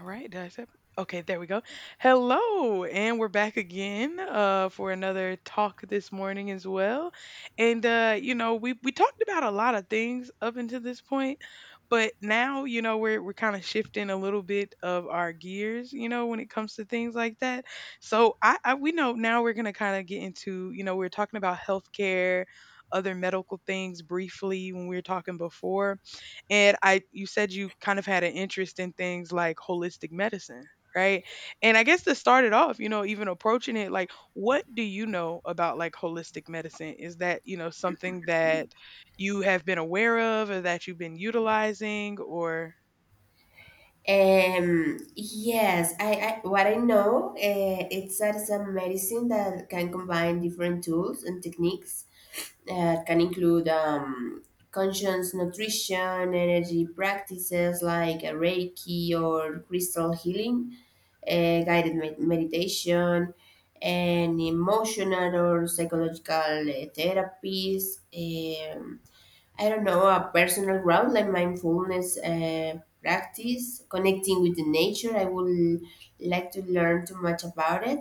All right, did I say Okay, there we go. Hello, and we're back again for another talk this morning as well. And you know, we talked about a lot of things up until this point, but now we're kind of shifting a little bit of our gears, you know, when it comes to things like that. So I we know now we're gonna kind of get into we're talking about healthcare, other medical things briefly when we were talking before and I you said you kind of had an interest in things like holistic medicine, right? And I guess to start it off, you know, even approaching it like what do you know about like holistic medicine? Is that, you know, something that you have been aware of or that you've been utilizing or? Yes, I what I know it's that it's a medicine that can combine different tools and techniques that can include conscious nutrition, energy practices like Reiki or crystal healing, guided meditation, and emotional or psychological therapies. I don't know, a personal growth like mindfulness practice, connecting with the nature. I would like to learn too much about it.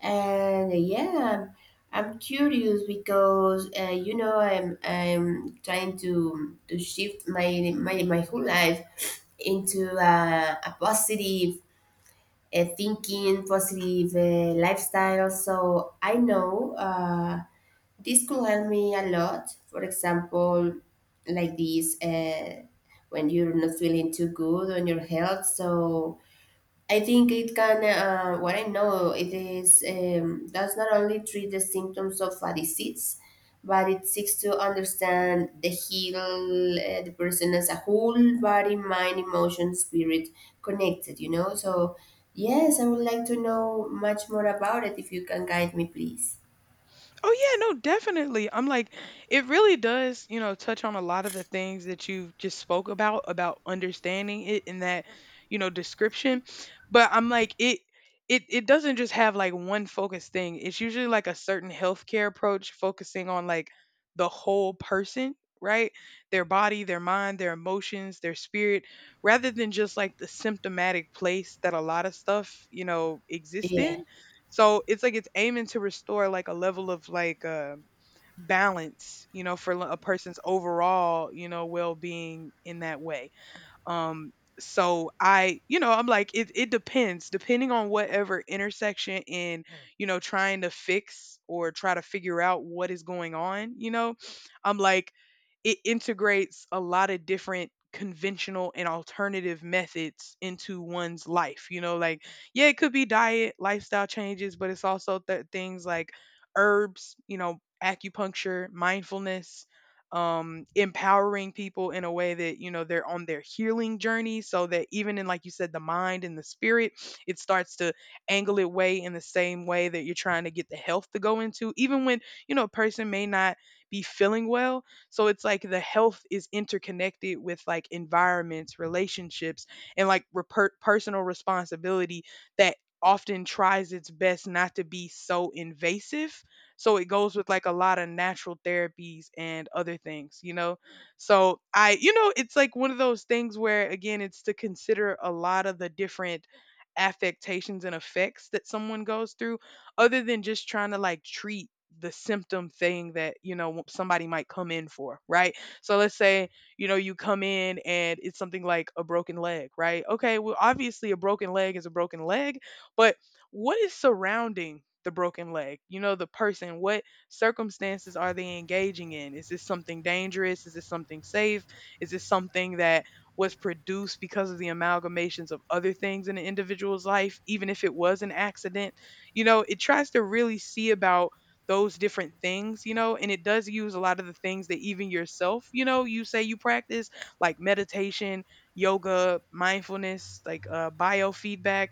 And yeah, I'm curious because you know I'm trying to shift my whole life into a positive thinking, positive lifestyle. So I know. This could help me a lot. For example, like this, when you're not feeling too good on your health. So I think it can. What I know, it is, does not only treat the symptoms of a disease, but it seeks to understand the heal the person as a whole, body, mind, emotion, spirit, connected. You know. So yes, I would like to know much more about it. If you can guide me, please. Oh yeah, no, definitely. I'm like, it really does, you know, touch on a lot of the things that you just spoke about understanding it in that, you know, description. But I'm like, it doesn't just have like one focused thing. It's usually like a certain healthcare approach focusing on like the whole person, right? Their body, their mind, their emotions, their spirit, rather than just like the symptomatic place that a lot of stuff, you know, exists Yeah. in. So it's like it's aiming to restore like a level of like balance, you know, for a person's overall, you know, well being in that way. Um, so I, you know, I'm like, it depends, depending on whatever intersection in, you know, trying to fix or try to figure out what is going on. You know, I'm like, it integrates a lot of different conventional and alternative methods into one's life, you know, like yeah, it could be diet, lifestyle changes, but it's also things like herbs, you know, acupuncture, mindfulness, empowering people in a way that you know they're on their healing journey, so that even in like you said, the mind and the spirit, it starts to angle it way in the same way that you're trying to get the health to go into, even when you know a person may not be feeling well. So it's like the health is interconnected with like environments, relationships, and like personal responsibility that often tries its best not to be so invasive, so it goes with like a lot of natural therapies and other things, you know? So I, you know, it's like one of those things where, again, it's to consider a lot of the different affectations and effects that someone goes through other than just trying to like treat the symptom thing that you know somebody might come in for, right? So let's say you know you come in and it's something like a broken leg, right? Okay, well obviously a broken leg is a broken leg, but what is surrounding the broken leg? You know, the person, what circumstances are they engaging in? Is this something dangerous? Is this something safe? Is this something that was produced because of the amalgamations of other things in an individual's life, even if it was an accident? You know, it tries to really see about those different things, you know, and it does use a lot of the things that even yourself, you know, you say you practice, like meditation, yoga, mindfulness, like biofeedback,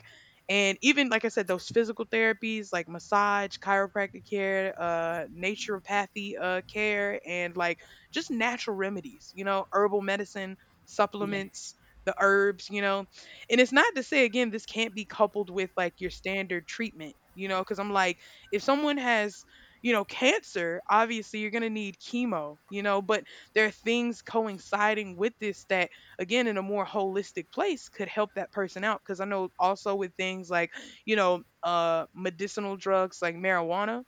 and even like I said, those physical therapies like massage, chiropractic care, uh, naturopathy, uh, care, and like just natural remedies, you know, herbal medicine, Yeah. supplements, the herbs, you know. And it's not to say, again, this can't be coupled with like your standard treatment, you know, because I'm like, if someone has, you know, cancer, obviously you're going to need chemo, you know, but there are things coinciding with this that, again, in a more holistic place could help that person out, because I know also with things like, you know, uh, medicinal drugs like marijuana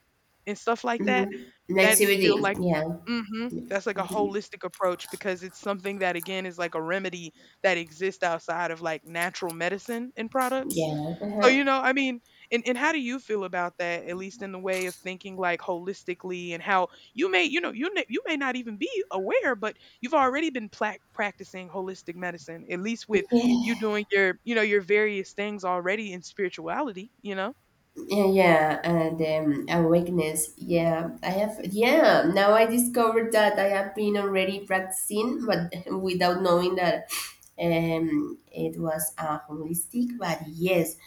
and stuff like that, Mhm. Like that's still CBD. like, Yeah. hmm, that's like a Mhm. holistic approach because it's something that, again, is like a remedy that exists outside of like natural medicine and products. Yeah. So Uh-huh. you know, I mean, and how do you feel about that, at least in the way of thinking like holistically, and how you may, you know, you may not even be aware, but you've already been plac practicing holistic medicine, at least with you Yeah. doing your, you know, your various things already in spirituality, you know? Yeah, yeah. And awakeness. Yeah. I have. Yeah. Now I discovered that I have been already practicing, but without knowing that it was holistic. But yes.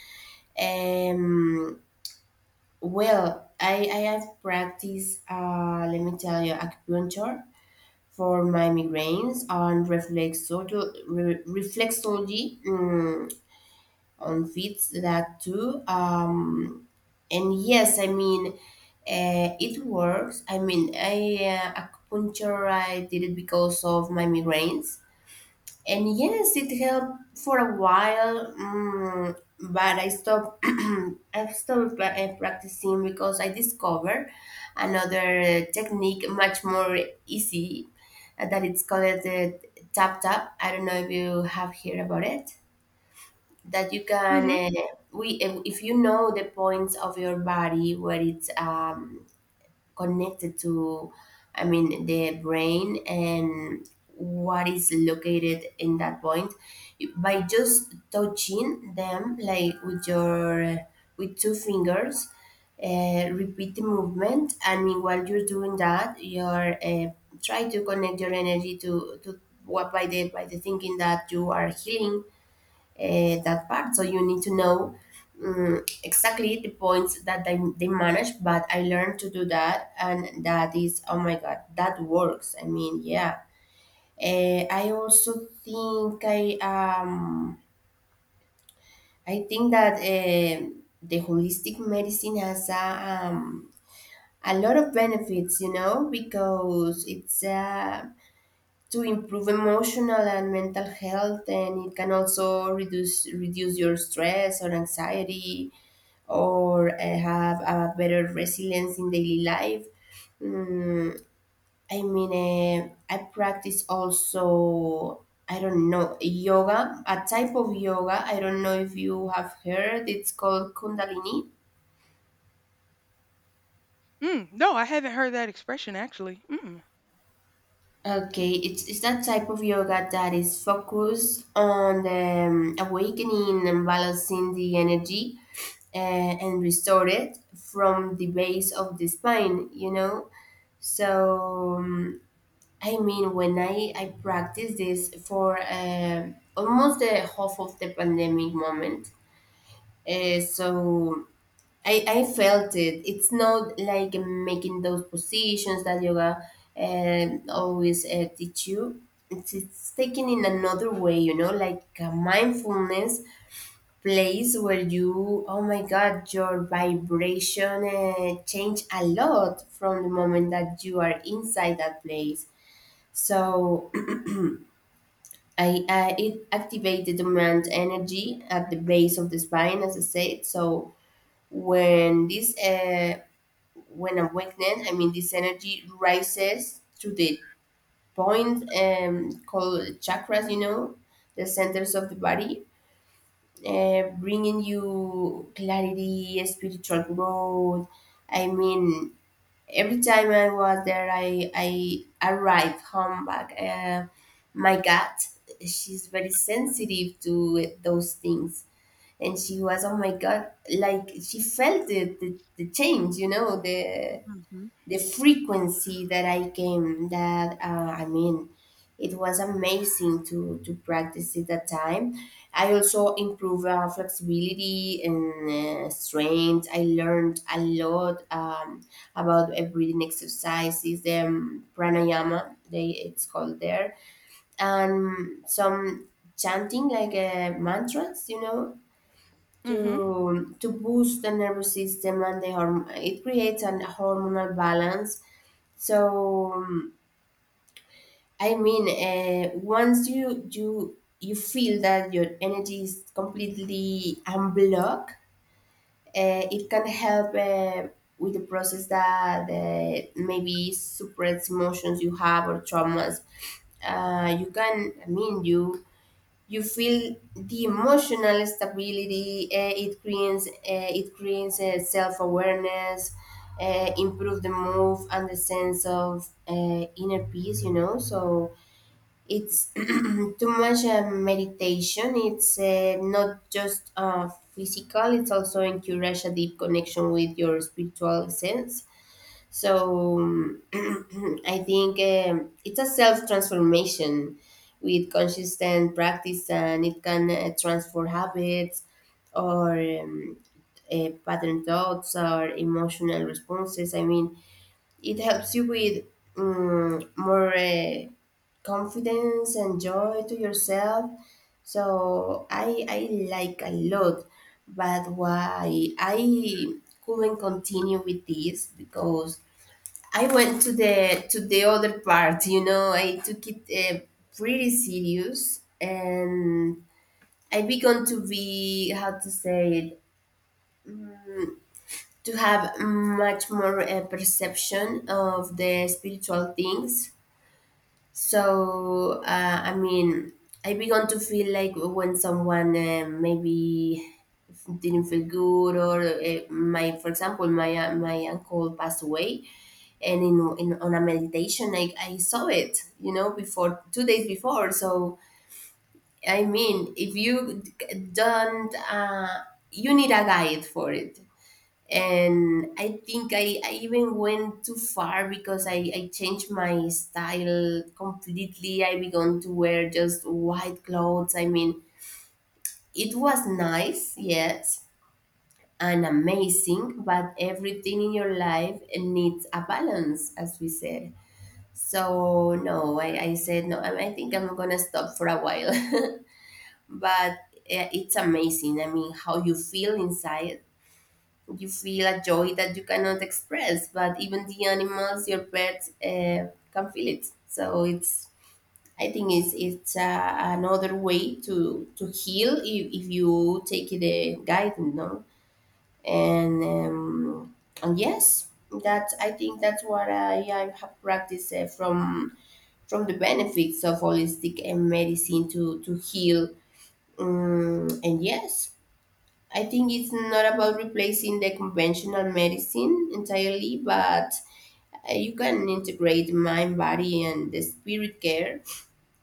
Um, well, I have practiced, let me tell you, acupuncture for my migraines and reflexology, on fits that too. And yes, I mean, it works. I mean, I acupuncture I did it because of my migraines. And yes, it helped for a while, but I stopped. I stopped practicing because I discovered another technique, much more easy, that it's called the tap tap. I don't know if you have heard about it. That you can, Mhm. We if you know the points of your body where it's, connected to, I mean, the brain and what is located in that point by just touching them like with your with two fingers, repeat the movement. I mean, while you're doing that you're, try to connect your energy to what by the thinking that you are healing that part. So you need to know exactly the points that they manage. But I learned to do that, and that is, oh my god, that works. I mean, yeah. I also think I, I think that the holistic medicine has a, a lot of benefits, you know, because it's to improve emotional and mental health, and it can also reduce your stress or anxiety, or have a better resilience in daily life. Mm, I mean, I practice also, I don't know, yoga, a type of yoga. I don't know if you have heard. It's called Kundalini. Mm. No, I haven't heard that expression actually. Mm. Okay, it's that type of yoga that is focused on the, awakening and balancing the energy, uh, and restore it from the base of the spine, you know? So I mean, when I practiced this for almost the half of the pandemic moment, so I felt it. It's not like making those positions that yoga always teach you. It's taken in another way, you know, like a mindfulness place where you, oh my God, your vibration change a lot from the moment that you are inside that place. So I, it activates the dormant energy at the base of the spine, as I said. So when this, when awakened, I mean, this energy rises to the point, called chakras. You know, the centers of the body, bringing you clarity, spiritual growth. I mean, every time I was there, I arrived home back. My cat, she's very sensitive to those things, and she was, oh my god, like she felt it, the change, you know, Mhm. the frequency that I came that, I mean, it was amazing to practice it that time. I also improved flexibility and strength. I learned a lot about breathing exercises, the, pranayama they it's called there, and some chanting like mantras, you know, Mhm. To boost the nervous system and the it creates an hormonal balance. So I mean, once you you you feel that your energy is completely unblocked, it can help with the process that maybe suppress emotions you have or traumas. You can, I mean, you feel the emotional stability, it creates self-awareness, improve the move and the sense of inner peace, you know. So it's too much meditation, it's not just physical, it's also encourage a deep connection with your spiritual sense. So I think it's a self transformation with consistent practice, and it can transform habits or pattern thoughts or emotional responses. I mean, it helps you with, more confidence and joy to yourself. So I like a lot, but why I couldn't continue with this because I went to the other part, you know. I took it pretty serious, and I began to be, how to say it, to have much more perception of the spiritual things. So, I mean, I began to feel like when someone maybe didn't feel good, or for example, my my uncle passed away, and in on a meditation, I saw it, you know, before 2 days before. So, I mean, if you don't, you need a guide for it. And I think I even went too far because I changed my style completely. I began to wear just white clothes. I mean, it was nice, yes, and amazing, but everything in your life needs a balance, as we said. So no, I said no, I think I'm gonna stop for a while. But it's amazing, I mean, how you feel inside. You feel a joy that you cannot express, but even the animals, your pets, can feel it. So it's, I think it's it's another way to heal if you take the guidance, no? And um, and yes, that's I think that's what I have practiced from the benefits of holistic medicine to heal. And yes, I think it's not about replacing the conventional medicine entirely, but you can integrate mind, body, and the spirit care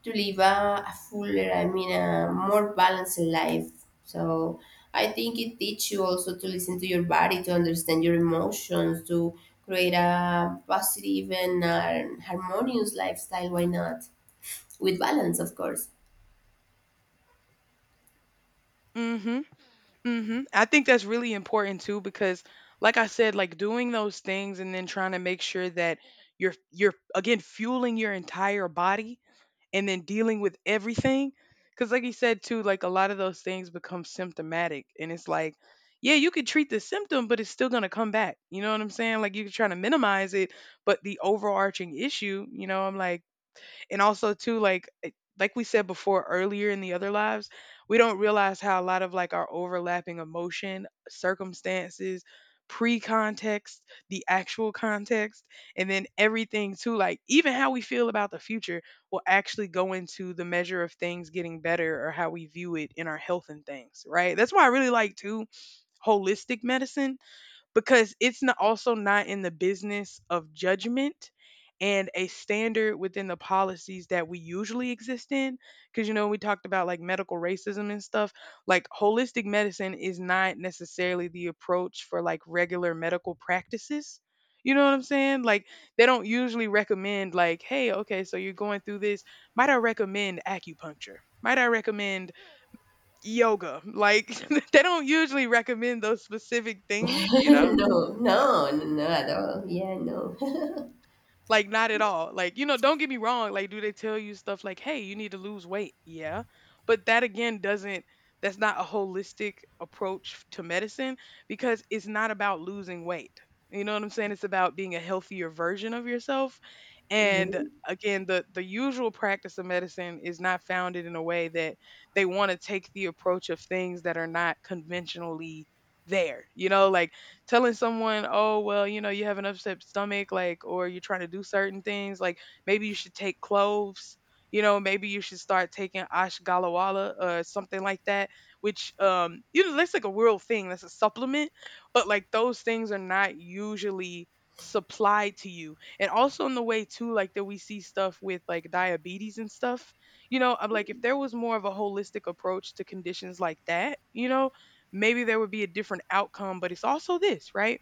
to live a fuller, I mean, a more balanced life. So I think it teaches you also to listen to your body, to understand your emotions, to create a positive and harmonious lifestyle. Why not? With balance, of course. Mhm. Mhm. I think that's really important too because like I said, like doing those things and then trying to make sure that you're again fueling your entire body and then dealing with everything, because like you said too, like a lot of those things become symptomatic and it's like yeah, you could treat the symptom but it's still going to come back. You know what I'm saying? Like you're trying to minimize it, but the overarching issue, you know, I'm like, and also too, like like we said before earlier in the other lives, we don't realize how a lot of like our overlapping emotion circumstances pre-context the actual context, and then everything too, like even how we feel about the future will actually go into the measure of things getting better or how we view it in our health and things, right? That's why I really like too holistic medicine, because it's not also not in the business of judgment and a standard within the policies that we usually exist in, because you know we talked about like medical racism and stuff. Like holistic medicine is not necessarily the approach for like regular medical practices. You know what I'm saying? Like they don't usually recommend like, hey, okay, so you're going through this, might I recommend acupuncture, might I recommend yoga, like they don't usually recommend those specific things, you know. No, no, no, no at all. Yeah, no. Like not at all. Like, you know, don't get me wrong, like do they tell you stuff like, "Hey, you need to lose weight." Yeah. But that again doesn't That's not a holistic approach to medicine because it's not about losing weight. You know what I'm saying? It's about being a healthier version of yourself. And Mhm. again, the usual practice of medicine is not founded in a way that they want to take the approach of things that are not conventionally there. You know, like telling someone, oh, well, you know, you have an upset stomach, like, or you're trying to do certain things, like maybe you should take cloves. You know, maybe you should start taking ashgalawala or something like that, which, you know, that's like a real thing. That's a supplement. But like those things are not usually supplied to you. And also in the way, too, like that we see stuff with like diabetes and stuff, you know, I'm like, if there was more of a holistic approach to conditions like that, you know, maybe there would be a different outcome, but it's also this, right?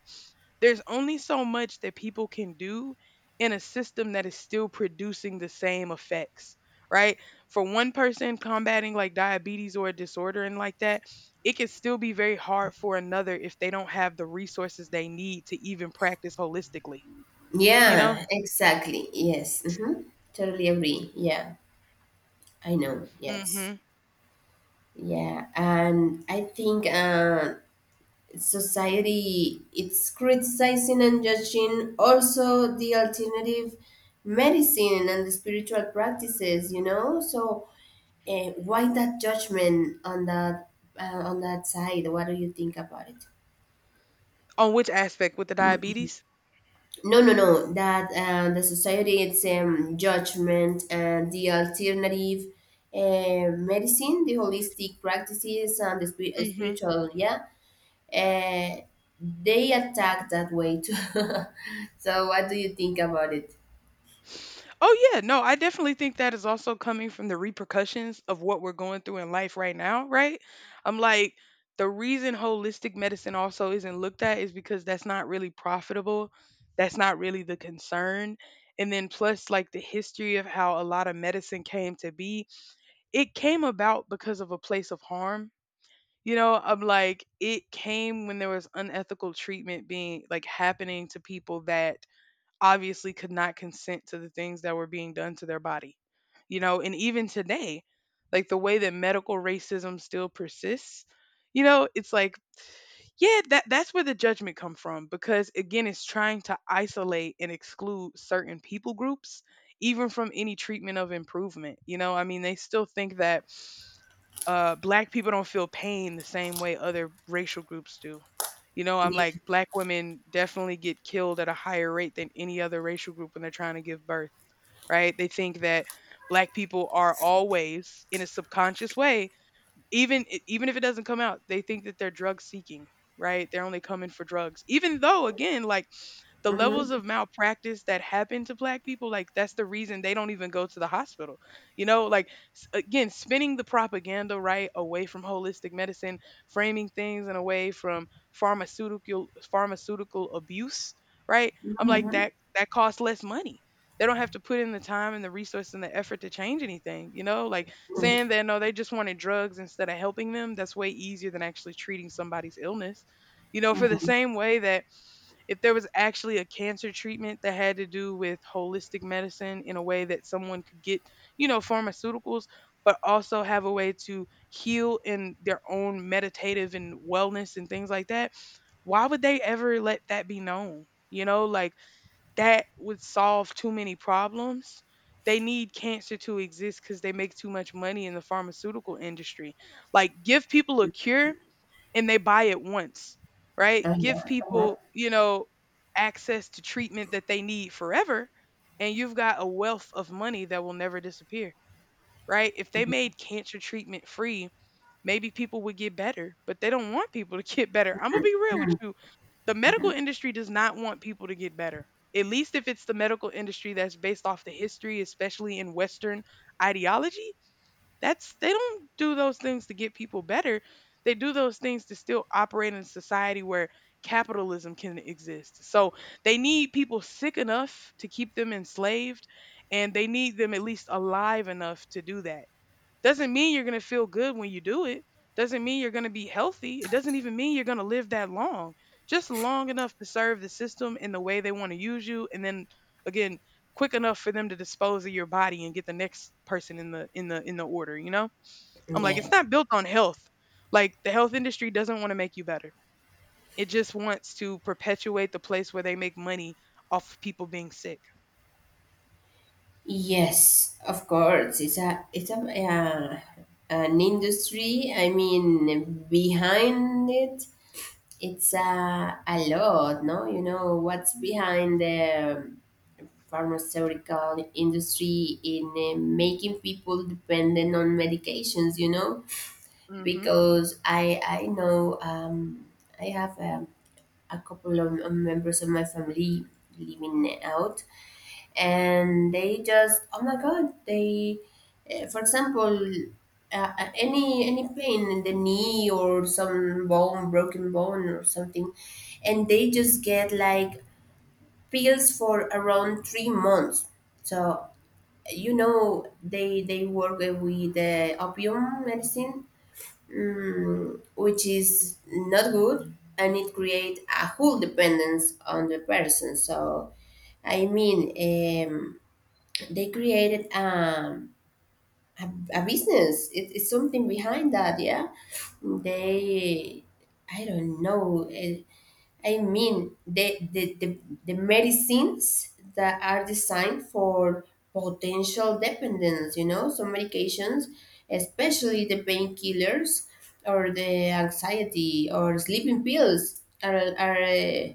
There's only so much that people can do in a system that is still producing the same effects, right? For one person combating like diabetes or a disorder and like that, it can still be very hard for another if they don't have the resources they need to even practice holistically, you know? Yeah, exactly. Yes. Hmm. Totally agree. Yeah, I know. Yes. Hmm. Yeah, and I think society it's criticizing and judging also the alternative medicine and the spiritual practices. You know, so why that judgment on that, uh, on that side? What do you think about it? On which aspect with the diabetes? No, no, no, that the society it's judgment and the alternative medicine, the holistic practices and the Mm-hmm. spiritual, yeah, uh, they attack that way too. So what do you think about it? Oh yeah, no, I definitely think that is also coming from the repercussions of what we're going through in life right now, right? I'm like, the reason holistic medicine also isn't looked at is because that's not really profitable. That's not really the concern. And then plus like the history of how a lot of medicine came to be, it came about because of a place of harm. You know, I'm like, it came when there was unethical treatment being like happening to people that obviously could not consent to the things that were being done to their body. You know, and even today, like the way that medical racism still persists, you know, it's like yeah, that that's where the judgment come from, because again, it's trying to isolate and exclude certain people groups even from any treatment of improvement. You know, I mean, they still think that uh, black people don't feel pain the same way other racial groups do. You know, I'm Yeah. like, black women definitely get killed at a higher rate than any other racial group when they're trying to give birth, right? They think that black people are always in a subconscious way, even if it doesn't come out, they think that they're drug seeking, right? They're only coming for drugs. Even though again, like the levels of malpractice that happen to black people like that's the reason they don't even go to the hospital you know like again spinning the propaganda right away from holistic medicine framing things in a way from pharmaceutical abuse right I'm like Mm-hmm. that costs less money they don't have to put in the time and the resource and the effort to change anything you know like Mm-hmm. saying that no they just wanted drugs instead of helping them that's way easier than actually treating somebody's illness you know for the same way that if there was actually a cancer treatment that had to do with holistic medicine in a way that someone could get, you know, pharmaceuticals, but also have a way to heal in their own meditative and wellness and things like that, why would they ever let that be known? You know, like that would solve too many problems. They need cancer to exist because they make too much money in the pharmaceutical industry. Like, give people a cure and they buy it once, right? Give Uh-huh. Uh-huh. people, you know, access to treatment that they need forever, and you've got a wealth of money that will never disappear, right? If they made cancer treatment free, maybe people would get better, but they don't want people to get better. I'm going to be real with you. The medical industry does not want people to get better. At least if it's the medical industry that's based off the history, especially in Western ideology, that's they don't do those things to get people better. They do those things to still operate in a society where capitalism can exist. So they need people sick enough to keep them enslaved and they need them at least alive enough to do that. Doesn't mean you're going to feel good when you do it. Doesn't mean you're going to be healthy. It doesn't even mean you're going to live that long. Just long enough to serve the system in the way they want to use you and then again, quick enough for them to dispose of your body and get the next person in the order, you know? I'm like Yeah. it's not built on health. Like the health industry doesn't want to make you better. It just wants to perpetuate the place where they make money off people being sick. Yes, of course. It's a an industry. I mean, behind it, it's a lot, no? You know, what's behind the pharmaceutical industry in making people dependent on medications, you know? Mhm. Because I know I have a couple of members of my family living out, and they just, oh my god, they for example, any pain in the knee or some bone broken bone or something, and they just get like pills for around 3 months. So you know they work with the opium medicine, which is not good, and it creates a whole dependence on the person. So I mean, they created a business. It, it's something behind that, yeah. They, I don't know. I mean, the medicines that are designed for potential dependence. You know, some medications, especially the painkillers or the anxiety or sleeping pills,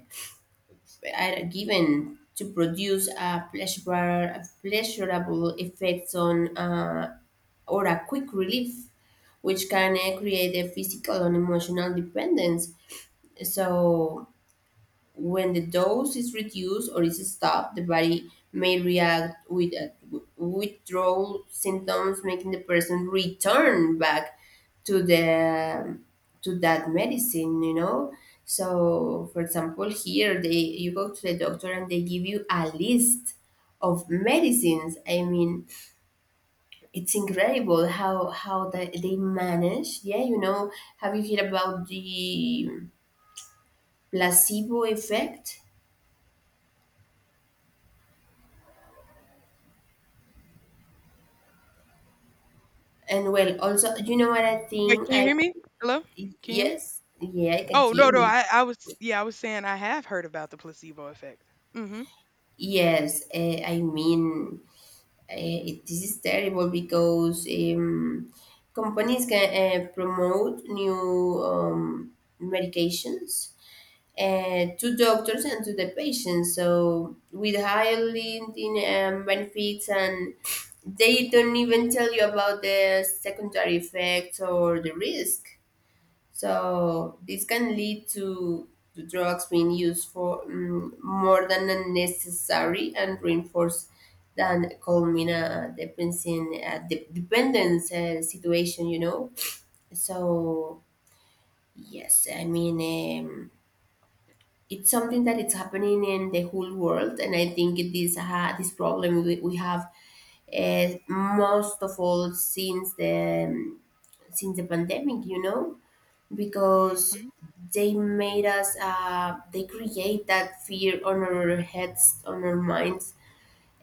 are given to produce a pleasurable effects on, or a quick relief, which can create a physical and emotional dependence. So when the dose is reduced or is stopped, the body may react with withdrawal symptoms, making the person return back to the to that medicine. You know, so for example, here they you go to the doctor and they give you a list of medicines. I mean, it's incredible how they manage. Yeah, you know, have you heard about the placebo effect? And well, also, you know what I Wait, think? can you I hear me? Hello? Can you hear me? yes, yeah, I can Oh hear no no you. I I was yeah I was saying I have heard about the placebo effect. Mhm. Yes, I mean, this is terrible because companies can promote new medications to doctors and to the patients, so with higher in benefits, and they don't even tell you about the secondary effects or the risk. So this can lead to drugs being used for more than necessary and reinforce than calming a dependency, a dependence situation, So yes, I mean it's something that it's happening in the whole world, and I think it is this problem we have most of all since the pandemic, you know, because Mhm. they made us they create that fear on our heads, on our minds.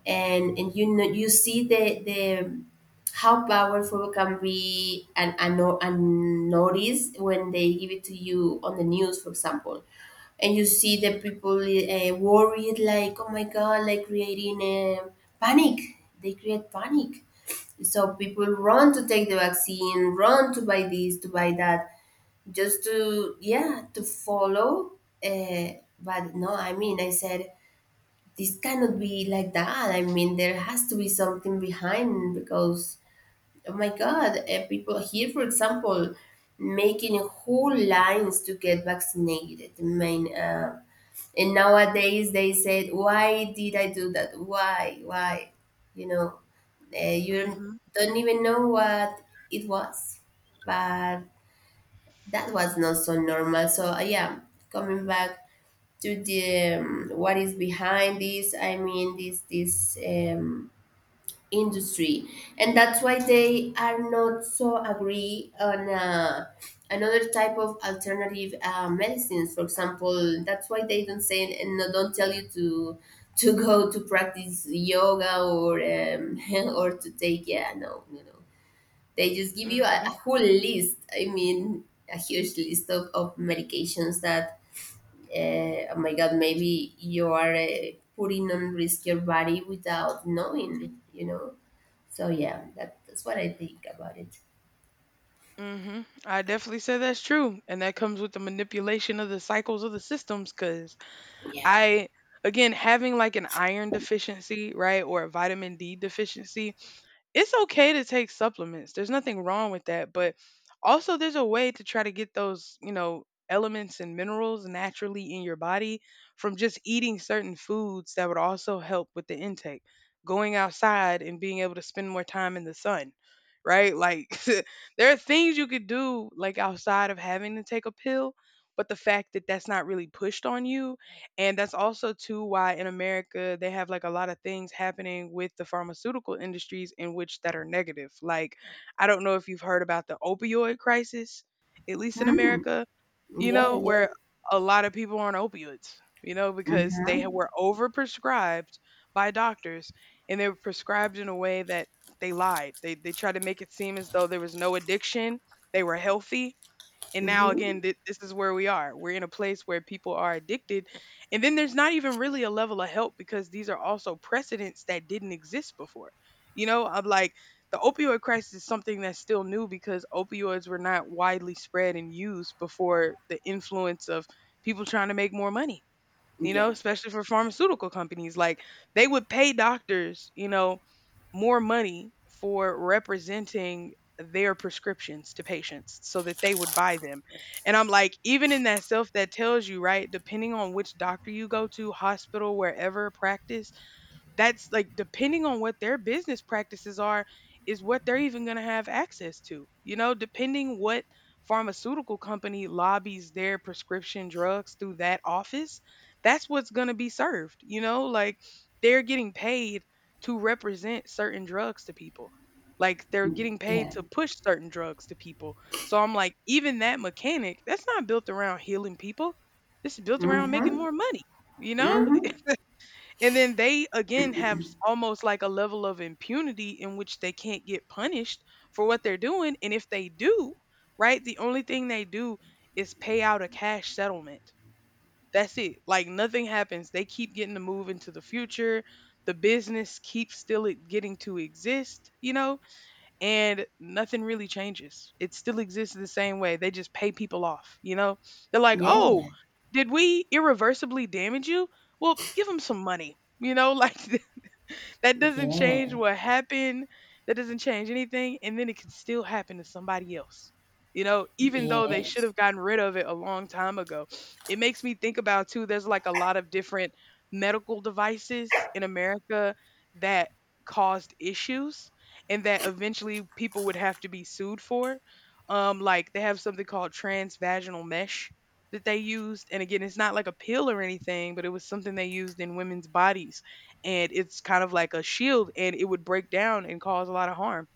And you know, you see the how powerful can be, and notice when they give it to you on the news, for example, and you see the people worried like, oh my God, like creating a panic. They create panic. So people run to take the vaccine, run to buy this, to buy that, just to, yeah, to follow. uh, but no, I mean, I said this cannot be like that. I mean, there has to be something behind because, oh my God, people here, for example, making whole lines to get vaccinated. I mean, and nowadays they said, why did I do that? Why why? You know, you Mhm. don't even know what it was. But that was not so normal. So yeah, coming back to the what is behind this, I mean, this industry, and that's why they are not so agree on another type of alternative medicines. For example, that's why they don't say and don't tell you to go to practice yoga, or or to take, yeah, no, you know, they just give you a Mhm. whole list. I mean, a huge list of medications that oh my God, maybe you are putting on risk your body without knowing, you know? So, yeah, that, that's what I think about it. Mhm. I definitely say that's true, and that comes with the manipulation of the cycles of the systems. Cause Yeah. I again having like an iron deficiency, right, or a vitamin D deficiency, it's okay to take supplements. There's nothing wrong with that, but also there's a way to try to get those, you know, elements and minerals naturally in your body from just eating certain foods that would also help with the intake. Going outside and being able to spend more time in the sun, right? Like there are things you could do like outside of having to take a pill, but the fact that that's not really pushed on you and that's also too why in America they have like a lot of things happening with the pharmaceutical industries in which that are negative. Like I don't know if you've heard about the opioid crisis, at least in Hmm. America, you know, Yeah, where yeah. a lot of people are on opioids, you know, because they were overprescribed by doctors and they were prescribed in a way that they lied. They tried to make it seem as though there was no addiction, they were healthy, and now Mm-hmm. again, this is where we are. We're in a place where people are addicted. And then there's not even really a level of help because these are also precedents that didn't exist before. You know, I'm like the opioid crisis is something that's still new because opioids were not widely spread and used before the influence of people trying to make more money, you know, Yeah. especially for pharmaceutical companies. Like they would pay doctors, you know, more money for representing their prescriptions to patients so that they would buy them. And I'm like, even in that self that tells you, right, depending on which doctor you go to, hospital, wherever, practice, that's like depending on what their business practices are is what they're even going to have access to, you know, depending what pharmaceutical company lobbies their prescription drugs through that office, that's what's going to be served, you know, like they're getting paid to represent certain drugs to people like they're Mm, getting paid yeah. to push certain drugs to people so I'm like even that mechanic that's not built around healing people this is built around making Mm-hmm. more money you know Mm-hmm. and then they again have almost like a level of impunity in which they can't get punished for what they're doing. And if they do, right, the only thing they do is pay out a cash settlement. That's it. Like nothing happens. They keep getting to move into the future. The business keeps still it getting to exist, you know? And nothing really changes. It still exists the same way. They just pay people off, you know? They're like, "Oh, Yeah. did we irreversibly damage you? Well, give them some money." You know, like that doesn't change Yeah. what happened. That doesn't change anything. And then it can still happen to somebody else, you know, even though they should Yes. have gotten rid of it a long time ago. It makes me think about, too, there's like a lot of different medical devices in America that caused issues and that eventually people would have to be sued for. Like they have something called transvaginal mesh that they used. And again, it's not like a pill or anything, but it was something they used in women's bodies and it's kind of like a shield and it would break down and cause a lot of harm,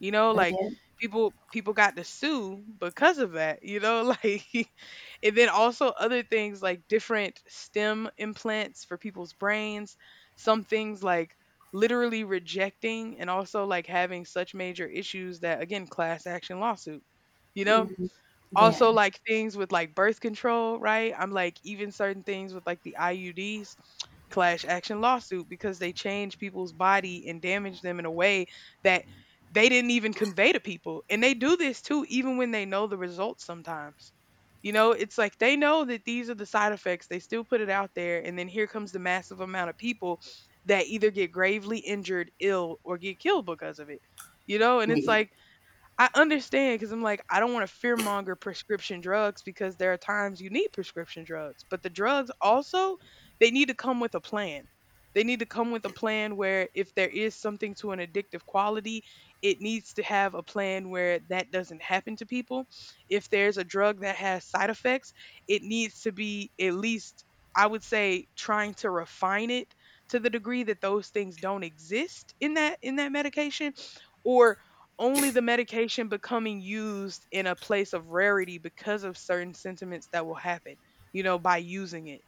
you know, Oh, like yeah. people got to sue because of that, you know, like and then also other things like different stem implants for people's brains, some things like literally rejecting and also like having such major issues that again class action lawsuit, you know, Mm-hmm. also, Yeah. like things with like birth control, right? I'm like, even certain things with like the IUDs clash action lawsuit because they change people's body and damage them in a way that they didn't even convey to people. And they do this too, even when they know the results sometimes. You know, it's like they know that these are the side effects. They still put it out there. And then here comes the massive amount of people that either get gravely injured, ill, or get killed because of it. You know, and it's Yeah. like I understand because I'm like, I don't want to fear monger prescription drugs because there are times you need prescription drugs, but the drugs also, they need to come with a plan. They need to come with a plan where if there is something to an addictive quality, it needs to have a plan where that doesn't happen to people. If there's a drug that has side effects, it needs to be at least, I would say, trying to refine it to the degree that those things don't exist in that medication or only the medication becoming used in a place of rarity because of certain sentiments that will happen, you know, by using it.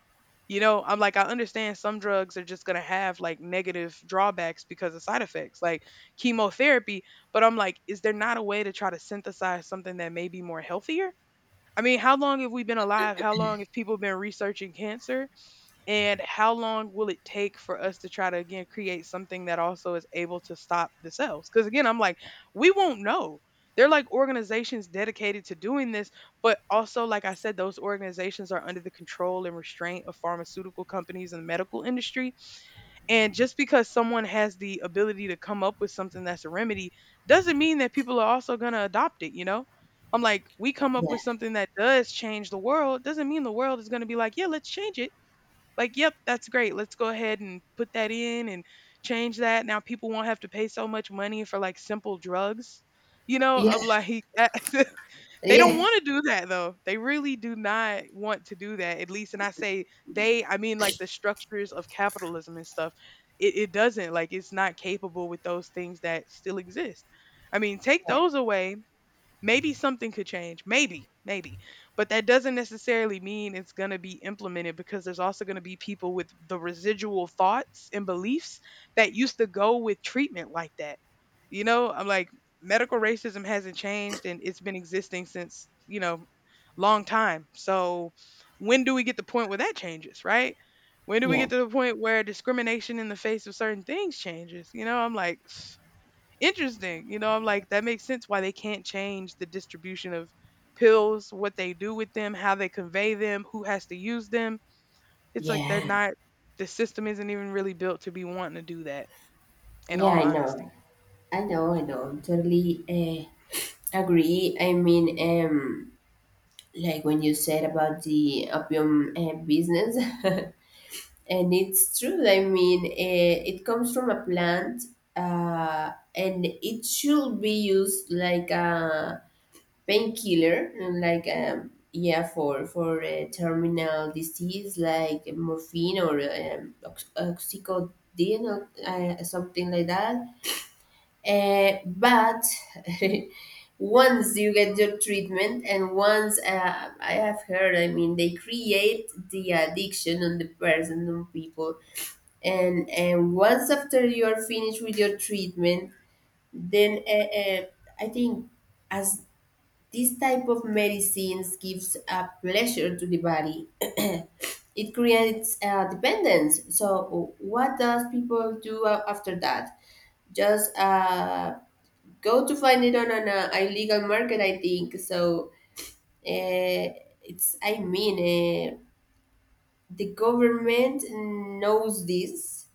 You know, I'm like, I understand some drugs are just going to have like negative drawbacks because of side effects, like chemotherapy. But I'm like, is there not a way to try to synthesize something that may be more healthier? I mean, how long have we been alive? How long have people been researching cancer? And how long will it take for us to try to again create something that also is able to stop the cells because again I'm like we won't know they're like organizations dedicated to doing this but also like I said those organizations are under the control and restraint of pharmaceutical companies and the medical industry and just because someone has the ability to come up with something that's a remedy doesn't mean that people are also going to adopt it, you know, I'm like we come up with something that does change the world doesn't mean the world is going to be like yeah let's change it like, yep, that's great. Let's go ahead and put that in and change that. Now people won't have to pay so much money for like simple drugs. You know, Yeah. I'm like, that- they Yeah. don't Yeah. want to do that though. They really do not want to do that, at least. And I say they, I mean like the structures of capitalism and stuff. It doesn't, like, it's not capable with those things that still exist. I mean, take those away, maybe something could change. Maybe. But that doesn't necessarily mean it's going to be implemented, because there's also going to be people with the residual thoughts and beliefs that used to go with treatment like that, you know? I'm like, medical racism hasn't changed, and it's been existing since, you know, long time. So when do we get the point where that changes, right? When do we Yeah. get to the point where discrimination in the face of certain things changes? You know, I'm like, interesting. You know, I'm like, that makes sense why they can't change the distribution of pills, what they do with them, how they convey them, who has to use them. It's like they're Yeah. not, the system isn't even really built to be wanting to do that, in Yeah, all I honesty. know. I know, I know. Totally agree. I mean, like when you said about the opium business, and it's true. I mean, it comes from a plant, and it should be used like a painkiller, like yeah, for a terminal disease, like morphine or oxycodone, or something like that. But once you get your treatment, and once I have heard, I mean, they create the addiction on the person, on people, and once after you are finished with your treatment, then I think, as this type of medicines gives a pleasure to the body, it creates dependence. So what does people do after that? Just go to find it on an illegal market, I think. So uh, it's, I mean, uh, the government knows this,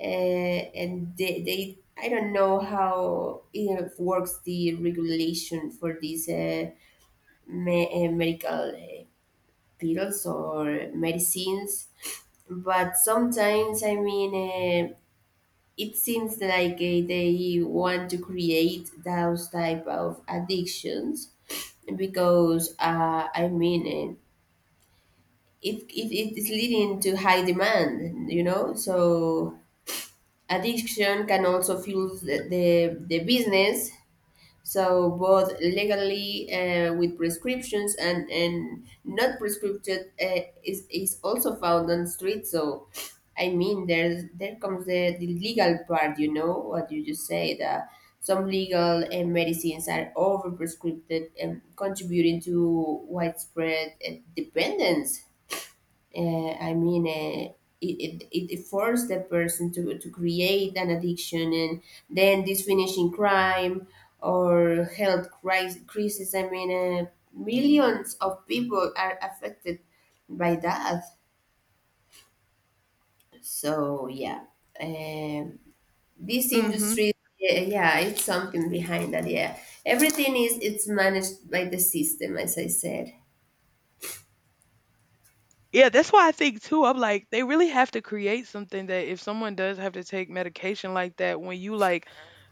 and they, I don't know how it works, the regulation for these medical pills or medicines. But sometimes, I mean, uh, it seems like they want to create those type of addictions, because I mean, it is leading to high demand, you know. So addiction can also fuel the business. So both legally with prescriptions, and not prescribed is also found on street. So I mean, there comes the legal part, you know, what you just said. Some legal medicines are overprescribed and contributing to widespread dependence. I mean, it forced the person to create an addiction, and then this finishing crime or health crisis. I mean, millions of people are affected by that. So yeah, um, this Mm hmm. industry, yeah, yeah, it's something behind that, yeah. Everything is it's managed by the system, as I said. Yeah, that's why I think too. I'm like, they really have to create something that if someone does have to take medication like that, when you like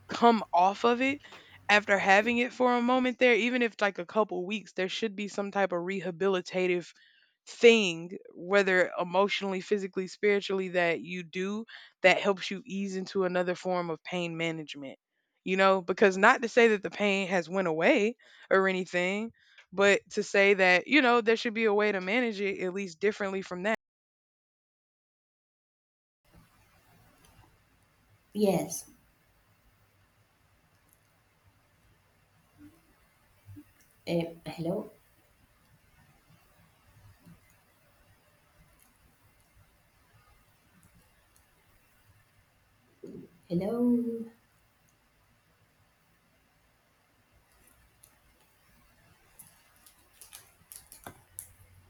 come off of it after having it for a moment there, even if like a couple weeks, there should be some type of rehabilitative thing, whether emotionally, physically, spiritually, that you do, that helps you ease into another form of pain management. You know, because not to say that the pain has went away or anything, but to say that, you know, there should be a way to manage it at least differently from that. Yes. uh, Hello? Hello?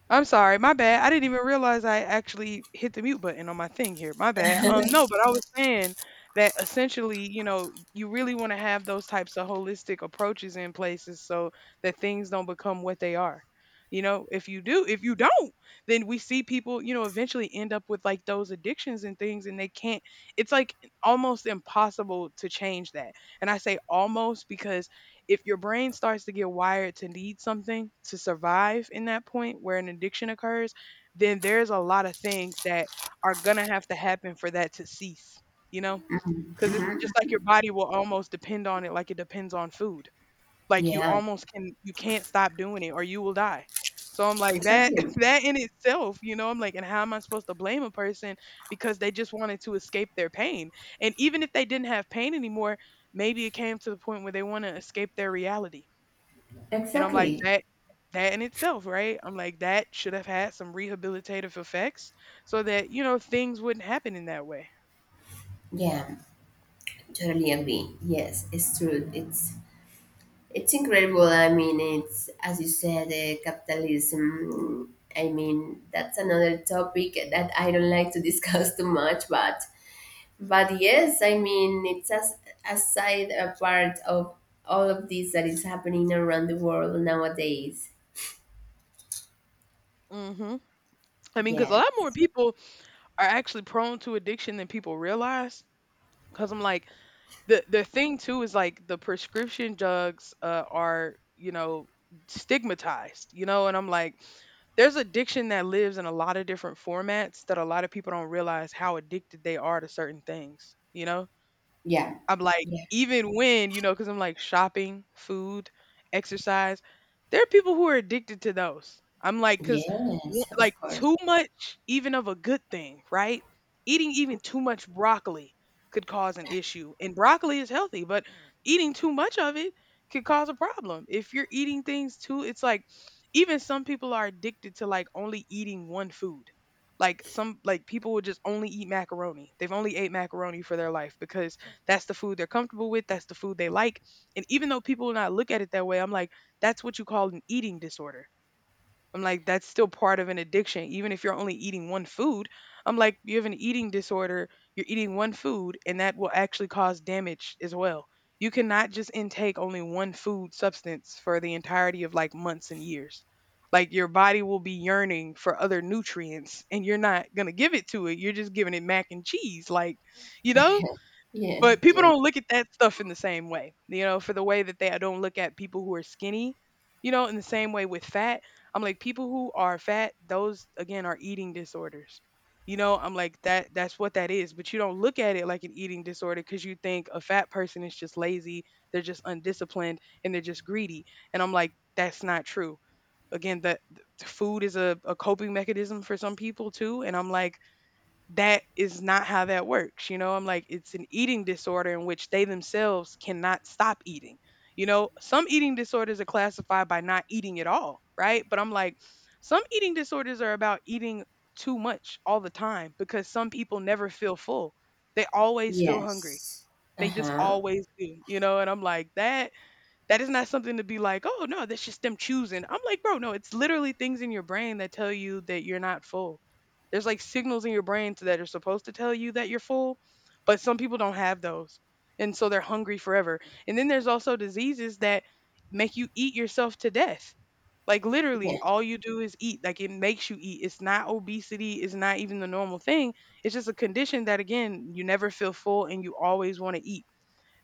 I'm sorry, my bad. I didn't even realize I actually hit the mute button on my thing here. My bad. No, but I was saying that essentially, you know, you really want to have those types of holistic approaches in places, so that things don't become what they are. You know, if you do, if you don't, then we see people, you know, eventually end up with like those addictions and things, and they can't, it's like almost impossible to change that. And I say almost because if your brain starts to get wired to need something to survive in that point where an addiction occurs, then there's a lot of things that are going to have to happen for that to cease, you know? Because it's just like your body will almost depend on it like it depends on food. Like, you Yeah, almost can, you can't stop doing it or you will die. So I'm like, that exactly. that in itself, you know, I'm like, and how am I supposed to blame a person because they just wanted to escape their pain? And even if they didn't have pain anymore, maybe it came to the point where they want to escape their reality. And I'm Right. like, Exactly. that that in itself, right? I'm like, that should have had some rehabilitative effects so that, you know, things wouldn't happen in that way. Yeah, totally agree. Yes, it's true. It's incredible. I mean, it's, as you said, capitalism. I mean, that's another topic that I don't like to discuss too much, but yes, I mean, it's as a side, a part of all of this that is happening around the world nowadays. Hmm. I mean, because a lot Yes. more people are actually prone to addiction than people realize. Because I'm like, the thing too is like the prescription drugs are, you know, stigmatized, you know, and I'm like, there's addiction that lives in a lot of different formats that a lot of people don't realize how addicted they are to certain things, you know. Yeah. I'm like, Yeah. even when, you know, because I'm like, shopping, food, exercise, there are people who are addicted to those. I'm like, because Yes, of like course. too much, even of a good thing, right? Eating even too much broccoli could cause an issue. And broccoli is healthy, but eating too much of it could cause a problem. If you're eating things too, it's like, even some people are addicted to like only eating one food. Like some like people will just only eat macaroni. They've only ate macaroni for their life because that's the food they're comfortable with. That's the food they like. And even though people will not look at it that way, I'm like, that's what you call an eating disorder. I'm like, that's still part of an addiction. Even if you're only eating one food, I'm like, you have an eating disorder. You're eating one food, and that will actually cause damage as well. You cannot just intake only one food substance for the entirety of like months and years. Like, your body will be yearning for other nutrients, and you're not going to give it to it. You're just giving it mac and cheese, like, you know. Yeah. But people Yeah. don't look at that stuff in the same way, you know, for the way that they I don't look at people who are skinny, you know, in the same way with fat. I'm like, people who are fat, those again are eating disorders. You know, I'm like, that that's what that is. But you don't look at it like an eating disorder because you think a fat person is just lazy, they're just undisciplined, and they're just greedy. And I'm like, that's not true. Again, that food is a coping mechanism for some people too. And I'm like, that is not how that works. You know, I'm like, it's an eating disorder in which they themselves cannot stop eating. You know, some eating disorders are classified by not eating at all, right? But I'm like, some eating disorders are about eating too much all the time, because some people never feel full. They always feel hungry. Yes. They just Uh-huh. always do, you know? And I'm like, that that is not something to be like, oh no, that's just them choosing. I'm like, bro, no, it's literally things in your brain that tell you that you're not full. There's like signals in your brain that are supposed to tell you that you're full, but some people don't have those. And so they're hungry forever. And then there's also diseases that make you eat yourself to death. Like, literally, Yeah. all you do is eat. Like, it makes you eat. It's not obesity. It's not even the normal thing. It's just a condition that, again, you never feel full and you always want to eat.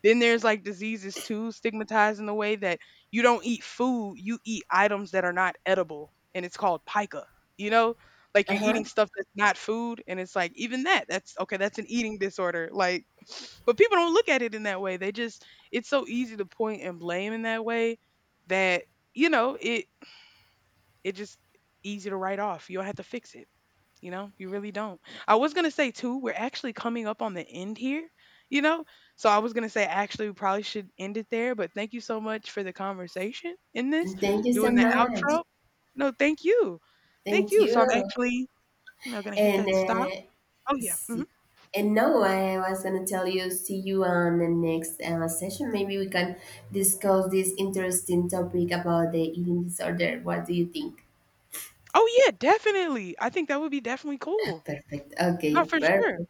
Then there's like diseases too, stigmatized in the way that you don't eat food, you eat items that are not edible, and it's called pica. You know, like you're Uh-huh. eating stuff that's not food, and it's like even that, that's okay, that's an eating disorder. Like, but people don't look at it in that way. They just, it's so easy to point and blame in that way that, you know, it just easy to write off. You don't have to fix it. You know, you really don't. I was going to say, too, we're actually coming up on the end here, you know? So I was going to say, actually, we probably should end it there, but thank you so much for the conversation in this, Thank you so doing the much. outro. No, thank you. Thank Thank you. So I'm you. actually, you know, going to hit And that stop. Oh, yeah. Hmm. see, and no, I was gonna tell you, see you on the next session. Maybe we can discuss this interesting topic about the eating disorder. What do you think? Oh, yeah, definitely. I think that would be definitely cool. Perfect. Okay. No, for sure. Mm-hmm. Perfect.